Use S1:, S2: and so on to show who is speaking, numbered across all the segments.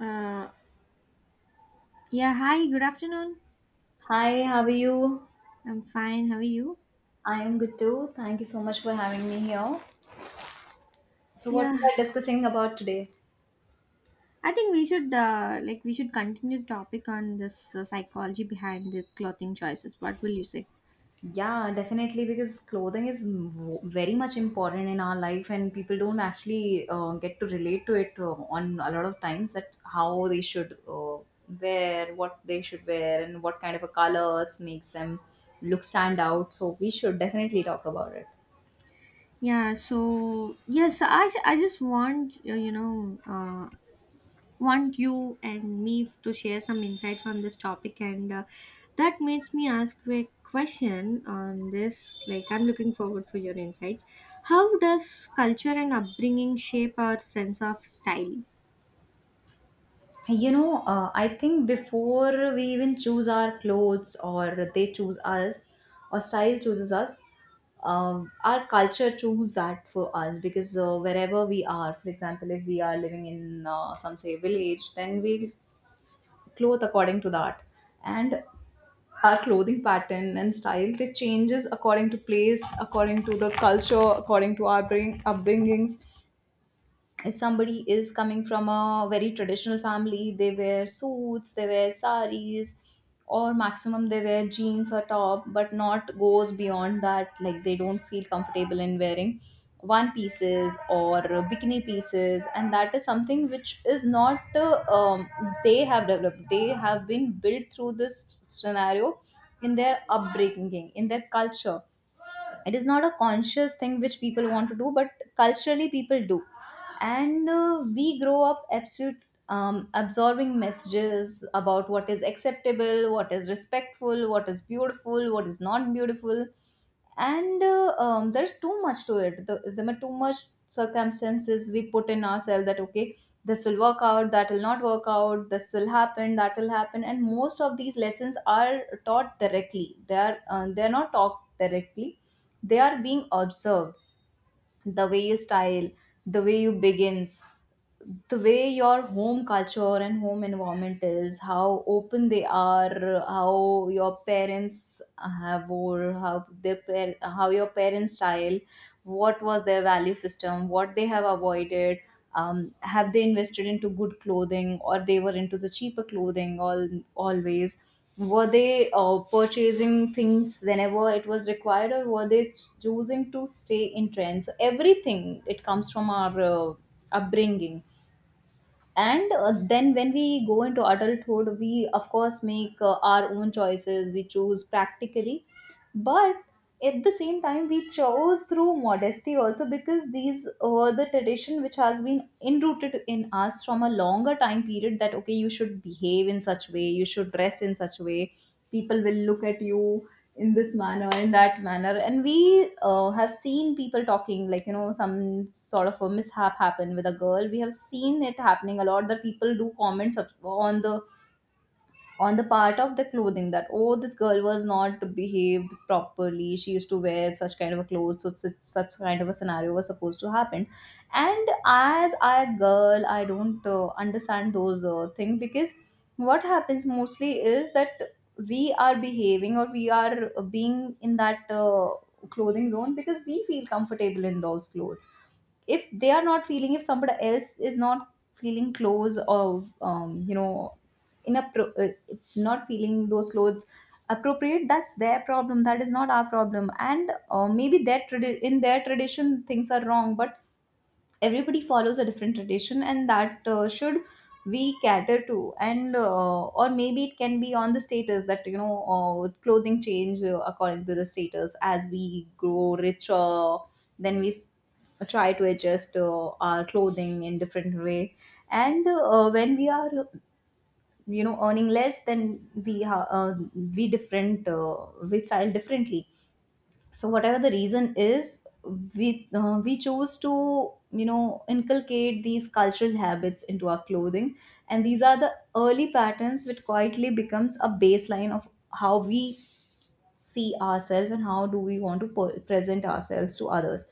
S1: Uh, yeah, Hi, good afternoon.
S2: Hi, how are you?
S1: I'm fine. How are you?
S2: I am good too. Thank you so much for having me here. So, what
S1: Yeah,
S2: we are discussing about today?
S1: I think we should we should continue the topic on this psychology behind the clothing choices. What will you say?
S2: Yeah, definitely, because clothing is very much important in our life, and people don't actually get to relate to it on a lot of times that how they should wear, what they should wear, and what kind of a colors makes them look stand out. So, we should definitely talk about it.
S1: I just want want you and to share some insights on this topic, and that makes me ask you a question on this. I'm looking forward for your insights. How does culture and upbringing shape our sense of style?
S2: I think before we even choose our clothes or they choose us or style chooses us, our culture chooses that for us because wherever we are, for example, if we are living in some say village, then we clothe according to that. And our clothing pattern and style they changes according to place, according to the culture, according to our upbringings. If somebody is coming from a very traditional family, they wear suits, they wear saris, or maximum they wear jeans or top, but not goes beyond that. Like they don't feel comfortable in wearing one pieces or bikini pieces, and that is something which is not they have developed. They have been built through this scenario in their upbringing, in their culture. It is not a conscious thing which people want to do, but culturally people do. And we grow up absolute absorbing messages about what is acceptable, what is respectful, what is beautiful, what is not beautiful. And there's too much to it. There are too much circumstances we put in ourselves that okay, this will work out, that will not work out, this will happen, that will happen. And most of these lessons are taught directly, they are not taught directly, they are being observed. The way you style, the way you begins, the way your home culture and home environment is, how open they are, how your parents have, or how your parents style, what was their value system, what they have avoided, have they invested into good clothing, or they were into the cheaper clothing all always. Were they purchasing things whenever it was required, or were they choosing to stay in trends? Everything it comes from our upbringing. And then when we go into adulthood, we of course make our own choices, we choose practically, but at the same time we chose through modesty also, because these were the tradition which has been enrooted in us from a longer time period that okay, you should behave in such way, you should dress in such way, people will look at you in this manner, in that manner. And we have seen people talking like, you know, some sort of a mishap happened with a girl, we have seen it happening a lot, that people do comments on the part of the clothing, that oh, this girl was not behaved properly, she used to wear such kind of a clothes, so such kind of a scenario was supposed to happen. And as a girl, I don't understand those things, because what happens mostly is that we are behaving, or we are being in that clothing zone, because we feel comfortable in those clothes. If they are not feeling, if somebody else is not feeling clothes, or you know, in inappro- uh, not feeling those clothes appropriate, that's their problem, that is not our problem. And maybe in their tradition things are wrong, but everybody follows a different tradition, and that should we cater to. And or maybe it can be on the status, that you know, clothing change according to the status. As we grow richer, then try to adjust our clothing in different way. And when we are, you know, earning less, then we different uh, we style differently. So whatever the reason is, we choose to, you know, inculcate these cultural habits into our clothing. And these are the early patterns which quietly becomes a baseline of how we see ourselves and how do we want to present ourselves to others.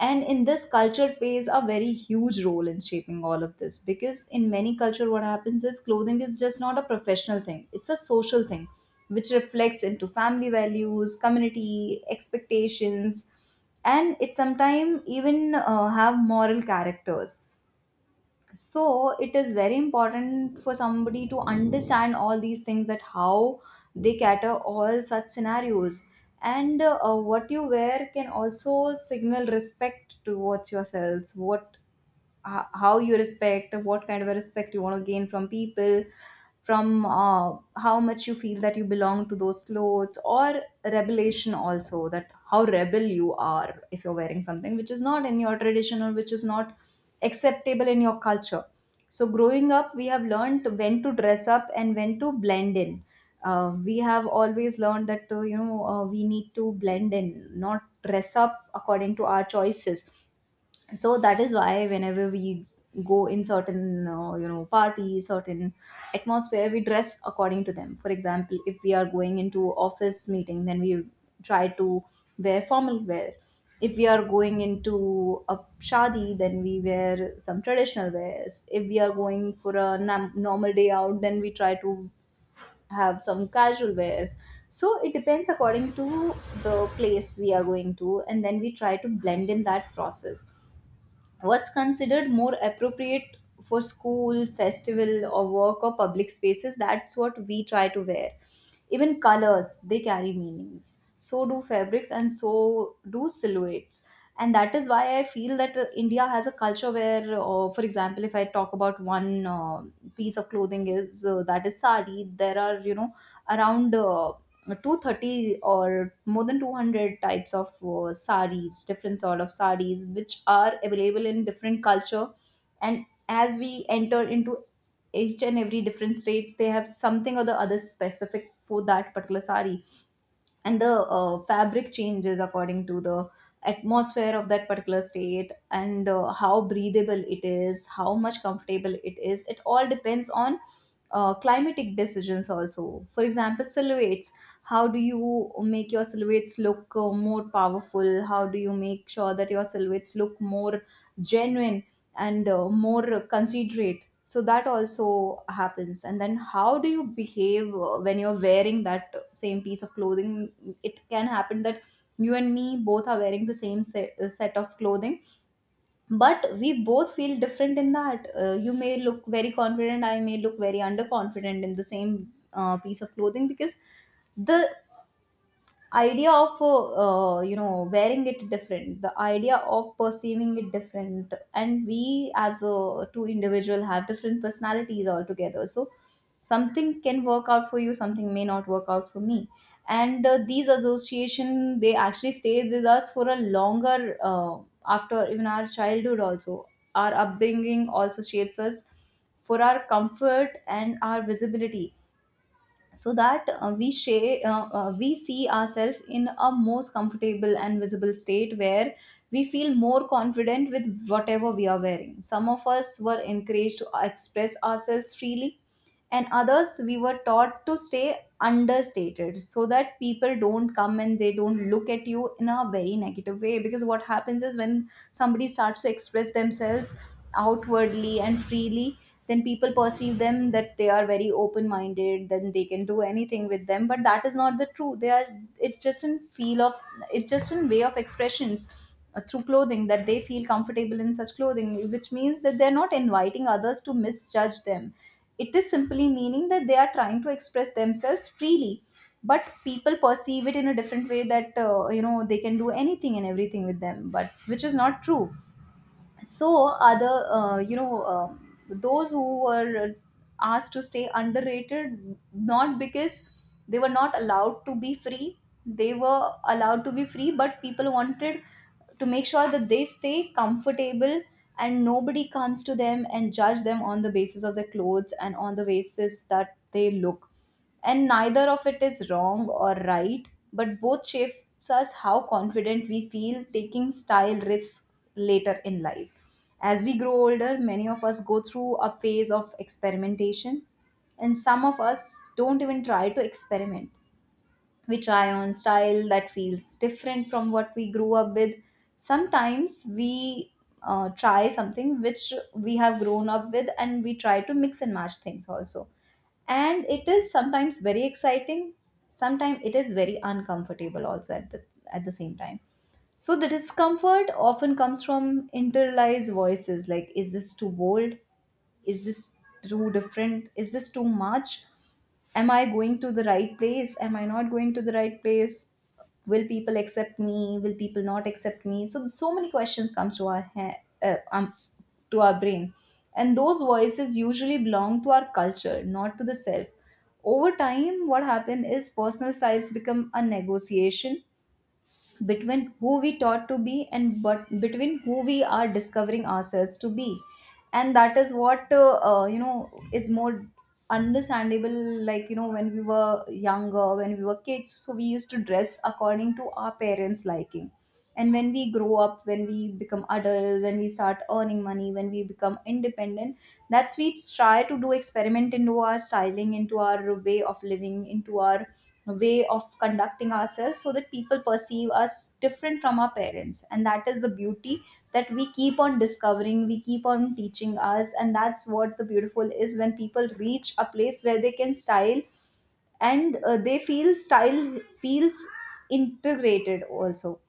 S2: And in this, culture plays a very huge role in shaping all of this, because in many culture what happens is, clothing is just not a professional thing, it's a social thing, which reflects into family values, community expectations. And it sometimes even have moral characters. So it is very important for somebody to understand all these things, that how they cater all such scenarios. And what you wear can also signal respect towards yourselves, how you respect, what kind of a respect you want to gain from people, from how much you feel that you belong to those clothes, or rebellion also, that how rebel you are, if you're wearing something which is not in your tradition, or which is not acceptable in your culture. So growing up, we have learned when to dress up and when to blend in. We have always learned that we need to blend in, not dress up according to our choices. So that is why, whenever we go in certain, parties, certain atmosphere, we dress according to them. For example, if we are going into office meeting, then we try to wear formal wear. If we are going into a shadi, then we wear some traditional wears. If we are going for a normal day out, then we try to have some casual wears. So it depends according to the place we are going to, and then we try to blend in that process what's considered more appropriate for school festival or work or public spaces. That's what we try to wear. Even colors, they carry meanings, so do fabrics, and so do silhouettes. And that is why I feel that India has a culture where, for example, if I talk about one piece of clothing is that is sari. There are, you know, around 230 or more than 200 types of saris, different sort of saris, which are available in different culture. And as we enter into each and every different states, they have something or the other specific for that particular sari. And the fabric changes according to the atmosphere of that particular state. And how breathable it is, how much comfortable it is, it all depends on climatic decisions also. For example, silhouettes, how do you make your silhouettes look more powerful, how do you make sure that your silhouettes look more genuine and more considerate. So that also happens. And then how do you behave when you're wearing that same piece of clothing. It can happen that you and me both are wearing the set of clothing, but we both feel different in that. You may look very confident, I may look very underconfident in the same piece of clothing, because the idea of wearing it different, the idea of perceiving it different, and we as a two individual have different personalities altogether. So something can work out for you, something may not work out for me. And these association, they actually stay with us for a longer after even our childhood also, our upbringing also shapes us for our comfort and our visibility. So that we see ourselves in a most comfortable and visible state, where we feel more confident with whatever we are wearing. Some of us were encouraged to express ourselves freely, and others we were taught to stay understated, so that people don't come and they don't look at you in a very negative way. Because what happens is when somebody starts to express themselves outwardly and freely, then people perceive them that they are very open minded, then they can do anything with them, but that is not the truth. They are, it's just in feel of, it's just in way of expressions through clothing that they feel comfortable in such clothing, which means that they're not inviting others to misjudge them. It is simply meaning that they are trying to express themselves freely, but people perceive it in a different way, that they can do anything and everything with them, but which is not true. So other, those who were asked to stay underrated, not because they were not allowed to be free. They were allowed to be free, but people wanted to make sure that they stay comfortable, and nobody comes to them and judge them on the basis of their clothes and on the basis that they look. And neither of it is wrong or right, but both shapes us how confident we feel taking style risks later in life. As we grow older, many of us go through a phase of experimentation, and some of us don't even try to experiment. We try on style that feels different from what we grew up with. Sometimes we try something which we have grown up with, and we try to mix and match things also, and it is sometimes very exciting. Sometimes it is very uncomfortable also, at the same time. So the discomfort often comes from internalized voices, like, is this too bold, is this too different, is this too much? Am I going to the right place, am I not going to the right place? Will people accept me, will people not accept me? So so many questions comes to our uh, um, to our brain, and those voices usually belong to our culture, not to the self. Over time what happened is personal styles become a negotiation between who we taught to be, and but between who we are discovering ourselves to be. And that is what, is more understandable. Like, you know, when we were younger, when we were kids, so we used to dress according to our parents liking, and when we grow up, when we become adult, when we start earning money, when we become independent, that's we try to do experiment into our styling, into our way of living, into our way of conducting ourselves, so that people perceive us different from our parents. And that is the beauty, that we keep on discovering, we keep on teaching us, and that's what the beautiful is, when people reach a place where they can style. And they feel style feels integrated also.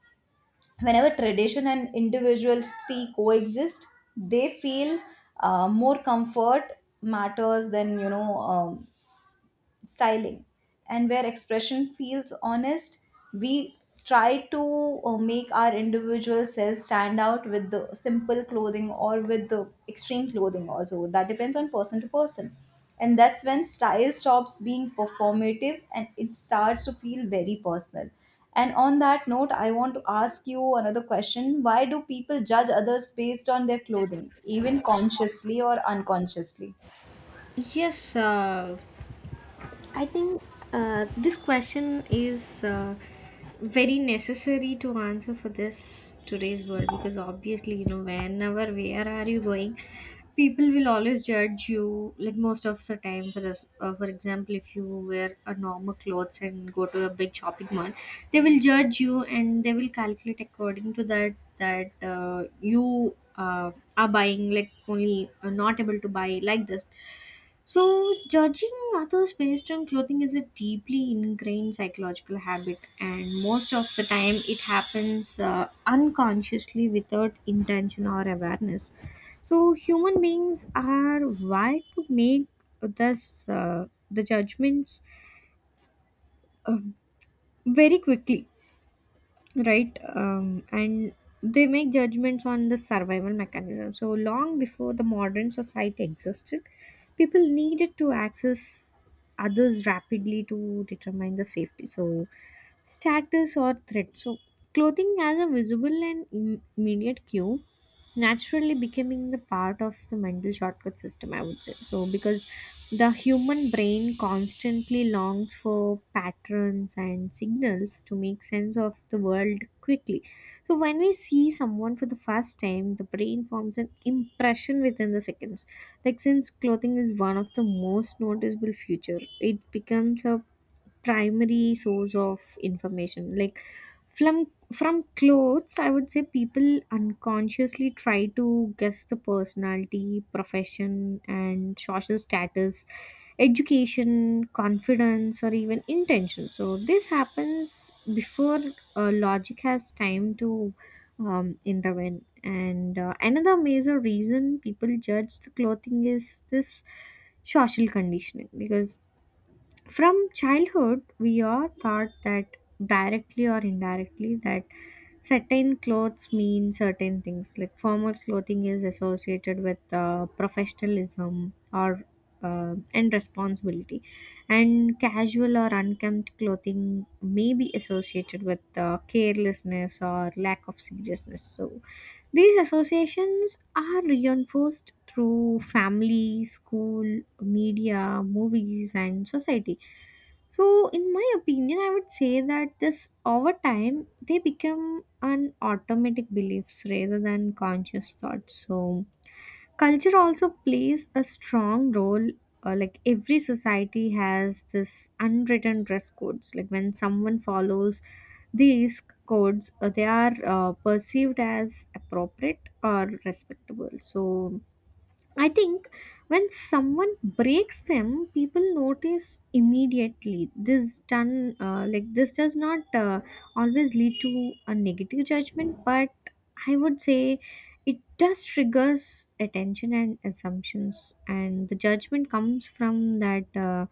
S2: Whenever tradition and individuality coexist, they feel more comfort matters than, styling, and where expression feels honest, we try to make our individual self stand out with the simple clothing or with the extreme clothing also. That depends on person to person, and that's when style stops being performative and it starts to feel very personal. And on that note, I want to ask you another question. Why do people judge others based on their clothing, even consciously or unconsciously?
S1: Yes, I think this question is very necessary to answer for this today's world because obviously, you know, whenever, where are you going, people will always judge you, like most of the time for this. For example, if you wear a normal clothes and go to a big shopping mall, they will judge you and they will calculate according to that that you. Are buying like only, are not able to buy like this. So judging others based on clothing is a deeply ingrained psychological habit, and most of the time it happens unconsciously without intention or awareness. So human beings are wired to make this the judgments uh, very quickly, right? And They make judgments on the survival mechanism. So long before the modern society existed, people needed to access others rapidly to determine the safety, so status or threat. So clothing as a visible and immediate cue naturally becoming the part of the mental shortcut system, I would say, so because the human brain constantly longs for patterns and signals to make sense of the world quickly. So when we see someone for the first time, the brain forms an impression within the seconds. Like, since clothing is one of the most noticeable feature, it becomes a primary source of information. Like from from clothes, I would say, people unconsciously try to guess the personality, profession and social status, education, confidence or even intention. So this happens before logic has time to intervene. And Another major reason people judge the clothing is this social conditioning, because from childhood, we are taught, that directly or indirectly, that certain clothes mean certain things. Like, formal clothing is associated with professionalism or and responsibility, and casual or unkempt clothing may be associated with carelessness or lack of seriousness. So these associations are reinforced through family, school, media, movies, and society. So, in my opinion, I would say that this over time they become an automatic beliefs rather than conscious thoughts. So culture also plays a strong role, like every society has this unwritten dress codes. Like, when someone follows these codes, they are perceived as appropriate or respectable. So I think when someone breaks them, people notice immediately. This done, this does not always lead to a negative judgment, but I would say it does triggers attention and assumptions, and the judgment comes from that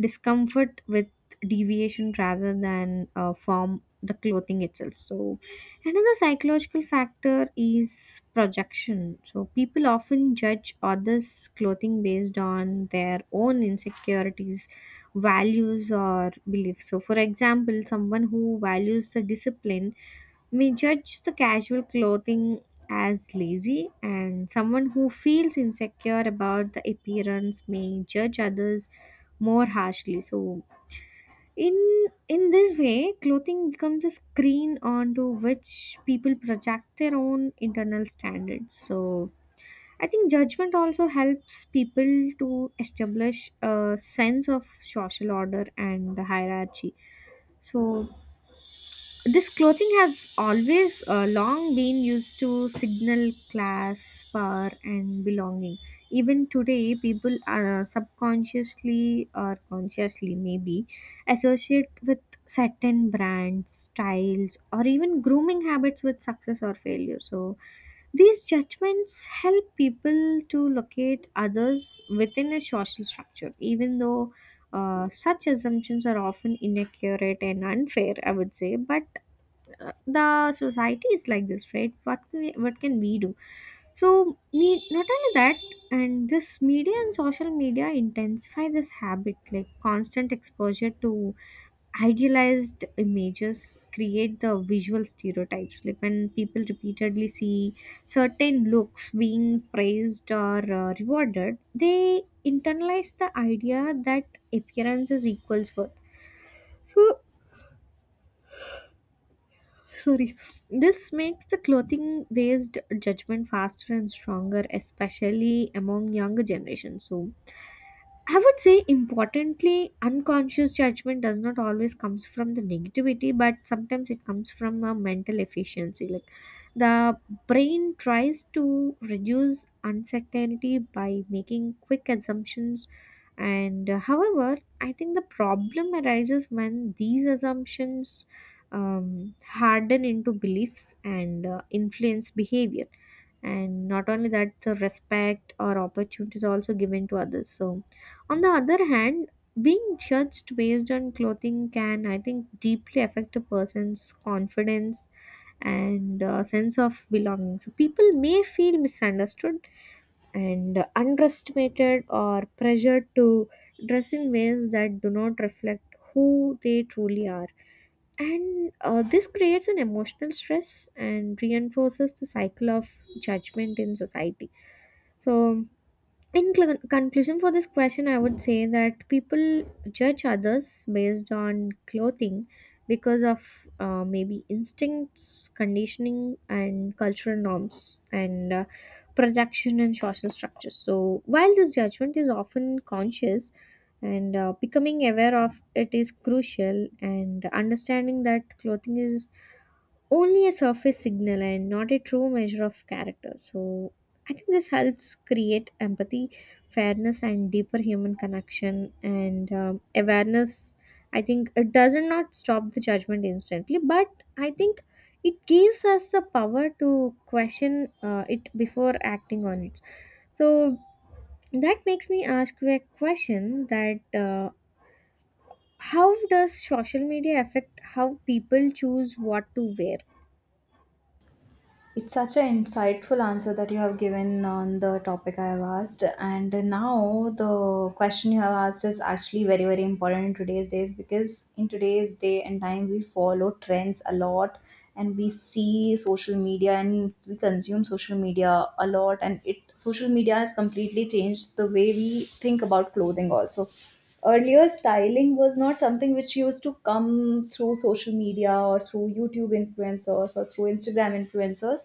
S1: discomfort with deviation rather than from the clothing itself. So another psychological factor is projection. So, people often judge others' clothing based on their own insecurities, values, or beliefs. So, for example, someone who values the discipline may judge the casual clothing as lazy, and someone who feels insecure about the appearance may judge others more harshly. So, in in this way clothing becomes a screen onto which people project their own internal standards. So I think judgment also helps people to establish a sense of social order and hierarchy. So this clothing have always long been used to signal class, power and belonging. Even today, people subconsciously or consciously maybe associate with certain brands, styles or even grooming habits with success or failure. So these judgments help people to locate others within a social structure, even though such assumptions are often inaccurate and unfair, I would say. But the society is like this, right? What can we do? So, me not only that, and this media and social media intensify this habit. Like, constant exposure to idealized images create the visual stereotypes. Like, when people repeatedly see certain looks being praised or rewarded, they internalize the idea that appearance is equals worth. So, sorry. This makes the clothing based judgment faster and stronger, especially among younger generations. So, I would say importantly, unconscious judgment does not always comes from the negativity, but sometimes it comes from a mental efficiency. Like, the brain tries to reduce uncertainty by making quick assumptions, and however, I think the problem arises when these assumptions harden into beliefs and influence behavior, and not only that, the respect or opportunities also given to others. So, on the other hand, being judged based on clothing can, I think, deeply affect a person's confidence and sense of belonging. So people may feel misunderstood and underestimated or pressured to dress in ways that do not reflect who they truly are, and this creates an emotional stress and reinforces the cycle of judgment in society. So, in conclusion for this question, I would say that people judge others based on clothing because of maybe instincts, conditioning and cultural norms, and projection and social structures. So while this judgment is often conscious, and becoming aware of it is crucial, and understanding that clothing is only a surface signal and not a true measure of character. So I think this helps create empathy, fairness, and deeper human connection and awareness. I think it doesn't not stop the judgment instantly, but I think it gives us the power to question it before acting on it. So that makes me ask you a question that how does social media affect how people choose what to wear?
S2: It's such an insightful answer that you have given on the topic I have asked. And now the question you have asked is actually very, very important in today's days, because in today's day and time we follow trends a lot, and we see social media and we consume social media a lot, and it social media has completely changed the way we think about clothing also. Earlier, styling was not something which used to come through social media or through YouTube influencers or through Instagram influencers,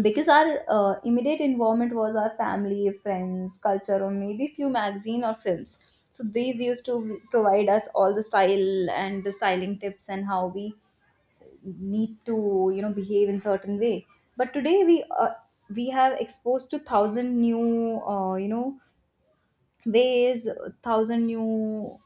S2: because our immediate involvement was our family, friends, culture, or maybe few magazine or films. So these used to provide us all the style and the styling tips and how we need to, you know, behave in certain way. But today we, we have exposed to thousand new, ways, thousand new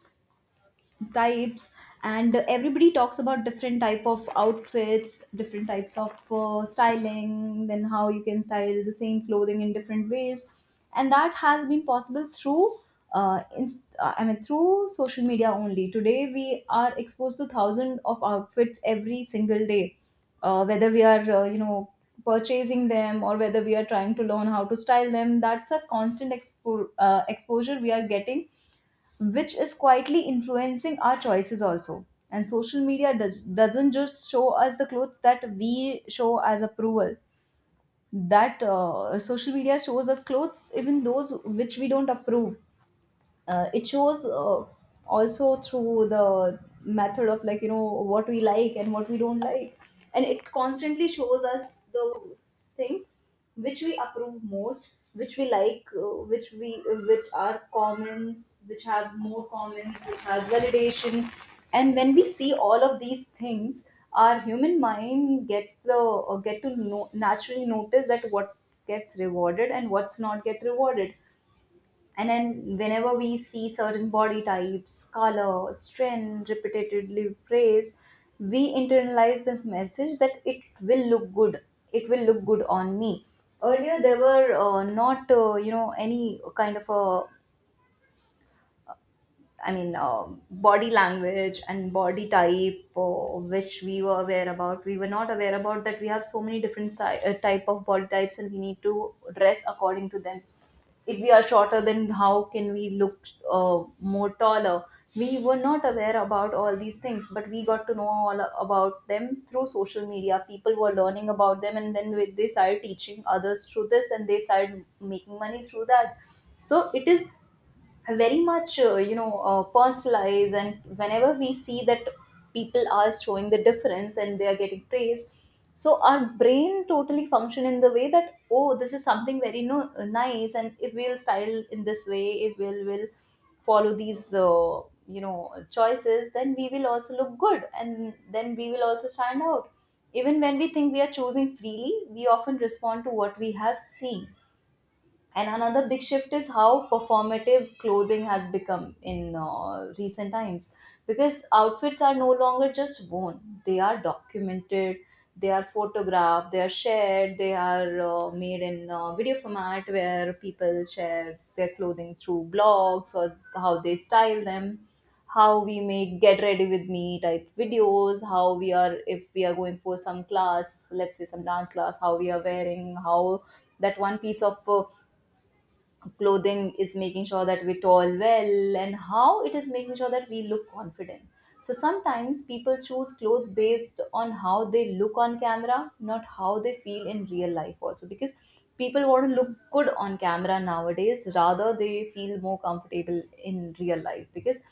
S2: types, and everybody talks about different type of outfits, different types of styling, then how you can style the same clothing in different ways. And that has been possible through I mean, through social media only. Today we are exposed to thousands of outfits every single day, whether we are, purchasing them, or whether we are trying to learn how to style them. That's a constant exposure we are getting, which is quietly influencing our choices also. And social media doesn't just show us the clothes that we show as approval. That, social media shows us clothes, even those which we don't approve. It shows also through the method of, like, you know, what we like and what we don't like. And it constantly shows us the things which we approve most, which we like, which are comments, which have more comments, which has validation. And when we see all of these things, our human mind gets the, or get to know, naturally notice that what gets rewarded and what's not get rewarded. And then whenever we see certain body types, color, strength, repeatedly praise, we internalize the message that it will look good. It will look good on me. Earlier, there were not, any kind of a, I mean, body language and body type, which we were aware about. We were not aware about that we have so many different type of body types, and we need to dress according to them. If we are shorter, then how can we look more taller? We were not aware about all these things, but we got to know all about them through social media. People were learning about them, and then they started teaching others through this, and they started making money through that. So it is very much, personalized. And whenever we see that people are showing the difference and they are getting praised, so our brain totally function in the way that, oh, this is something very nice. And if we'll style in this way, if we'll will follow these, choices, then we will also look good, and then we will also stand out. Even when we think we are choosing freely, we often respond to what we have seen. And another big shift is how performative clothing has become in recent times, because outfits are no longer just worn. They are documented, they are photographed, they are shared, they are made in video format, where people share their clothing through blogs, or how they style them, how we make get ready with me type videos, how we are, if we are going for some class, let's say some dance class, how we are wearing, how that one piece of clothing is making sure that we tall well, and how it is making sure that we look confident. So sometimes people choose clothes based on how they look on camera, not how they feel in real life also, because people want to look good on camera nowadays rather they feel more comfortable in real life. Because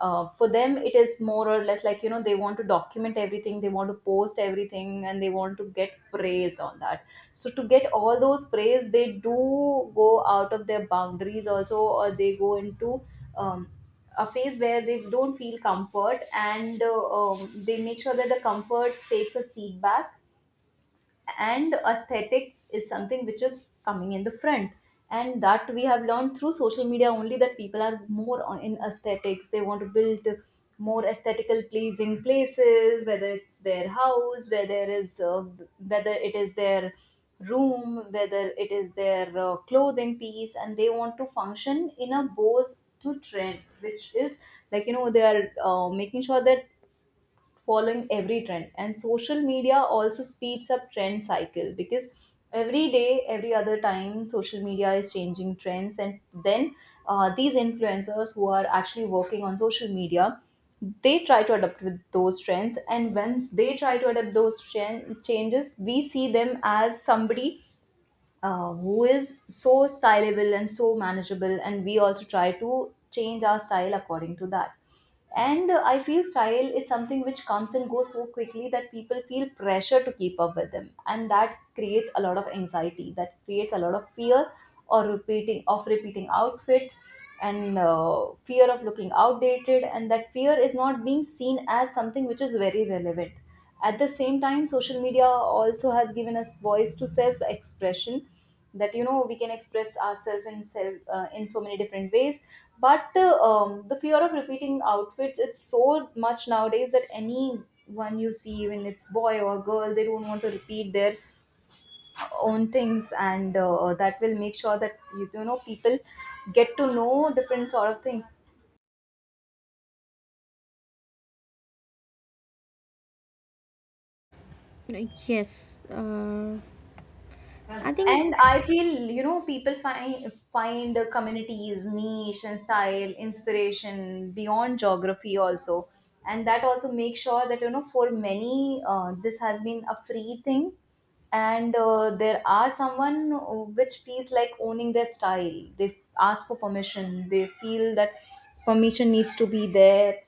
S2: for them it is more or less like, you know, they want to document everything, they want to post everything, and they want to get praised on that. So to get all those praise, they do go out of their boundaries also, or they go into um, a phase where they don't feel comfort, and they make sure that the comfort takes a seat back, and aesthetics is something which is coming in the front. And that we have learned through social media only, that people are more in aesthetics. They want to build more aesthetical pleasing places, whether it's their house, whether is whether it is their room, whether it is their clothing piece. And they want to function in a Bose to trend, which is, like, you know, they are making sure that following every trend. And social media also speeds up trend cycle, because every day, every other time, social media is changing trends. And then these influencers who are actually working on social media, they try to adapt with those trends. And once they try to adapt those changes, we see them as somebody who is so stylable and so manageable, and we also try to change our style according to that. And I feel style is something which comes and goes so quickly that people feel pressure to keep up with them. And that creates a lot of anxiety, that creates a lot of fear or repeating outfits, and fear of looking outdated, and that fear is not being seen as something which is very relevant. At the same time, social media also has given us voice to self expression, that, you know, we can express ourselves in self, in so many different ways. But the fear of repeating outfits it's so much nowadays that anyone you see, even it's boy or girl, they don't want to repeat their own things. And that will make sure that you know, people get to know different sort of things.
S1: Yes, I think
S2: And I feel, you know, people find communities, niche and style, inspiration beyond geography also. And that also makes sure that, you know, for many, this has been a free thing. And there are someone which feels like owning their style. They ask for permission. They feel that permission needs to be there.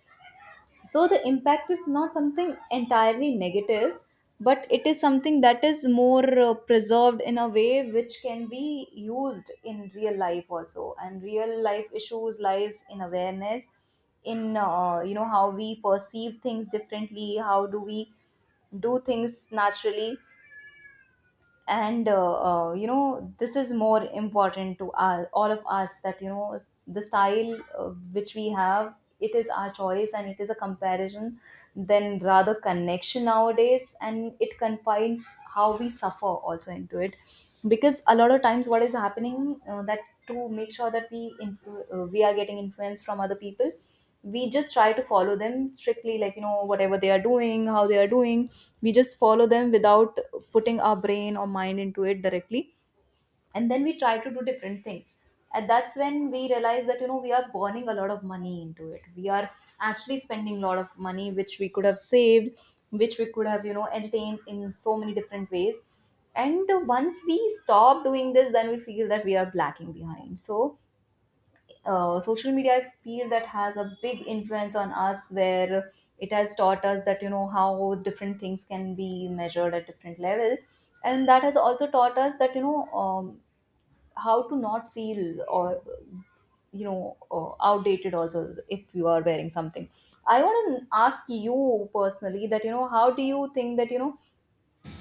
S2: So the impact is not something entirely negative, but it is something that is more preserved in a way which can be used in real life also. And real life issues lies in awareness, in, how we perceive things differently, how do we do things naturally. And this is more important to all of us, that, you know, the style which we have, it is our choice, and it is a comparison then rather connection nowadays, and it confines how we suffer also into it. Because a lot of times what is happening, that to make sure that we we are getting influence from other people, we just try to follow them strictly, like, you know, whatever they are doing, how they are doing, we just follow them without putting our brain or mind into it directly, and then we try to do different things. And that's when we realize that, you know, we are burning a lot of money into it, we are actually spending a lot of money which we could have saved, which we could have, you know, entertained in so many different ways. And once we stop doing this, then we feel that we are lacking behind. So social media, I feel, that has a big influence on us, where it has taught us that, you know, how different things can be measured at different level. And that has also taught us that, you know, how to not feel or, you know, outdated also if you are wearing something. I want to ask you personally that, you know, how do you think that, you know,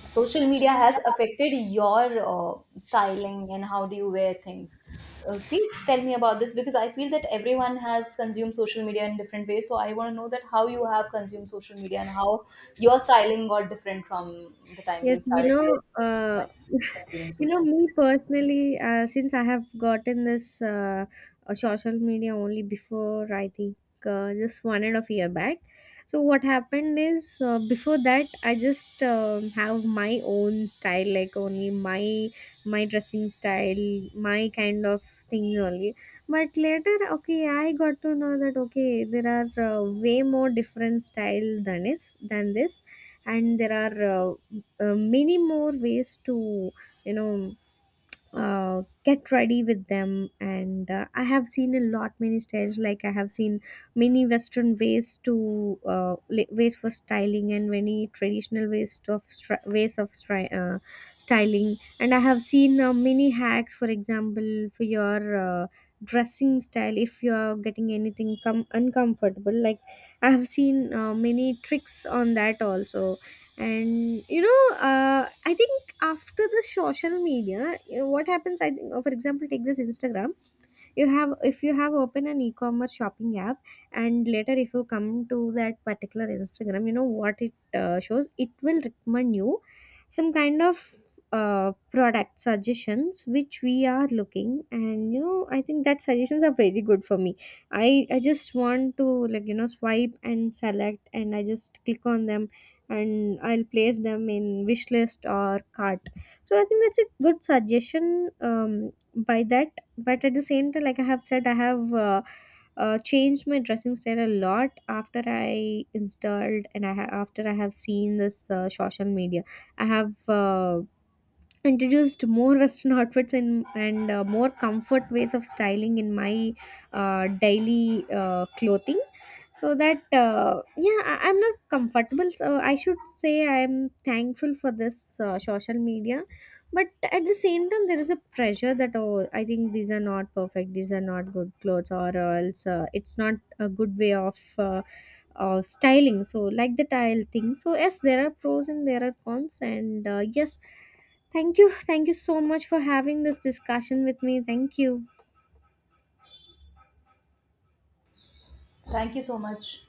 S2: social media has affected your styling and how do you wear things? Please tell me about this, because I feel that everyone has consumed social media in different ways. So I want to know that how you have consumed social media, and how your styling got different from the time you
S1: yes, you
S2: started with.
S1: know, uh,
S2: Like, consuming
S1: you know,
S2: social
S1: me personally, since I have gotten this social media only before, I think just 1.5 years back. So what happened is, before that I just have my own style, like only my dressing style, my kind of things only. But later, okay, I got to know that okay, there are way more different style than this, and there are many more ways to you know get ready with them. And I have seen a lot many styles. Like, I have seen many western ways to ways for styling, and many traditional ways of styling. And I have seen many hacks, for example, for your uh, dressing style, if you are getting anything uncomfortable. Like, I have seen many tricks on that also. And you know, I think after the social media, what happens, I think, for example, take this Instagram. You have If you have open an e-commerce shopping app, and later if you come to that particular Instagram, you know what it shows, it will recommend you some kind of product suggestions which we are looking. And you know, I think that suggestions are very good for me. I just want to, like, you know, swipe and select, and I just click on them, and I'll place them in wish list or cart. So I think that's a good suggestion, by that. But at the same time, like I have said, I have changed my dressing style a lot after I installed, and after I have seen this social media. I have introduced more western outfits in, and more comfort ways of styling in my daily clothing. So that yeah, I'm not comfortable, so I should say I'm thankful for this social media. But at the same time, there is a pressure that, oh, I think these are not perfect, these are not good clothes, or else it's not a good way of styling. So, like the tile thing. So yes, there are pros and there are cons, and yes. Thank you. Thank you so much for having this discussion with me. Thank you.
S2: thank you so much.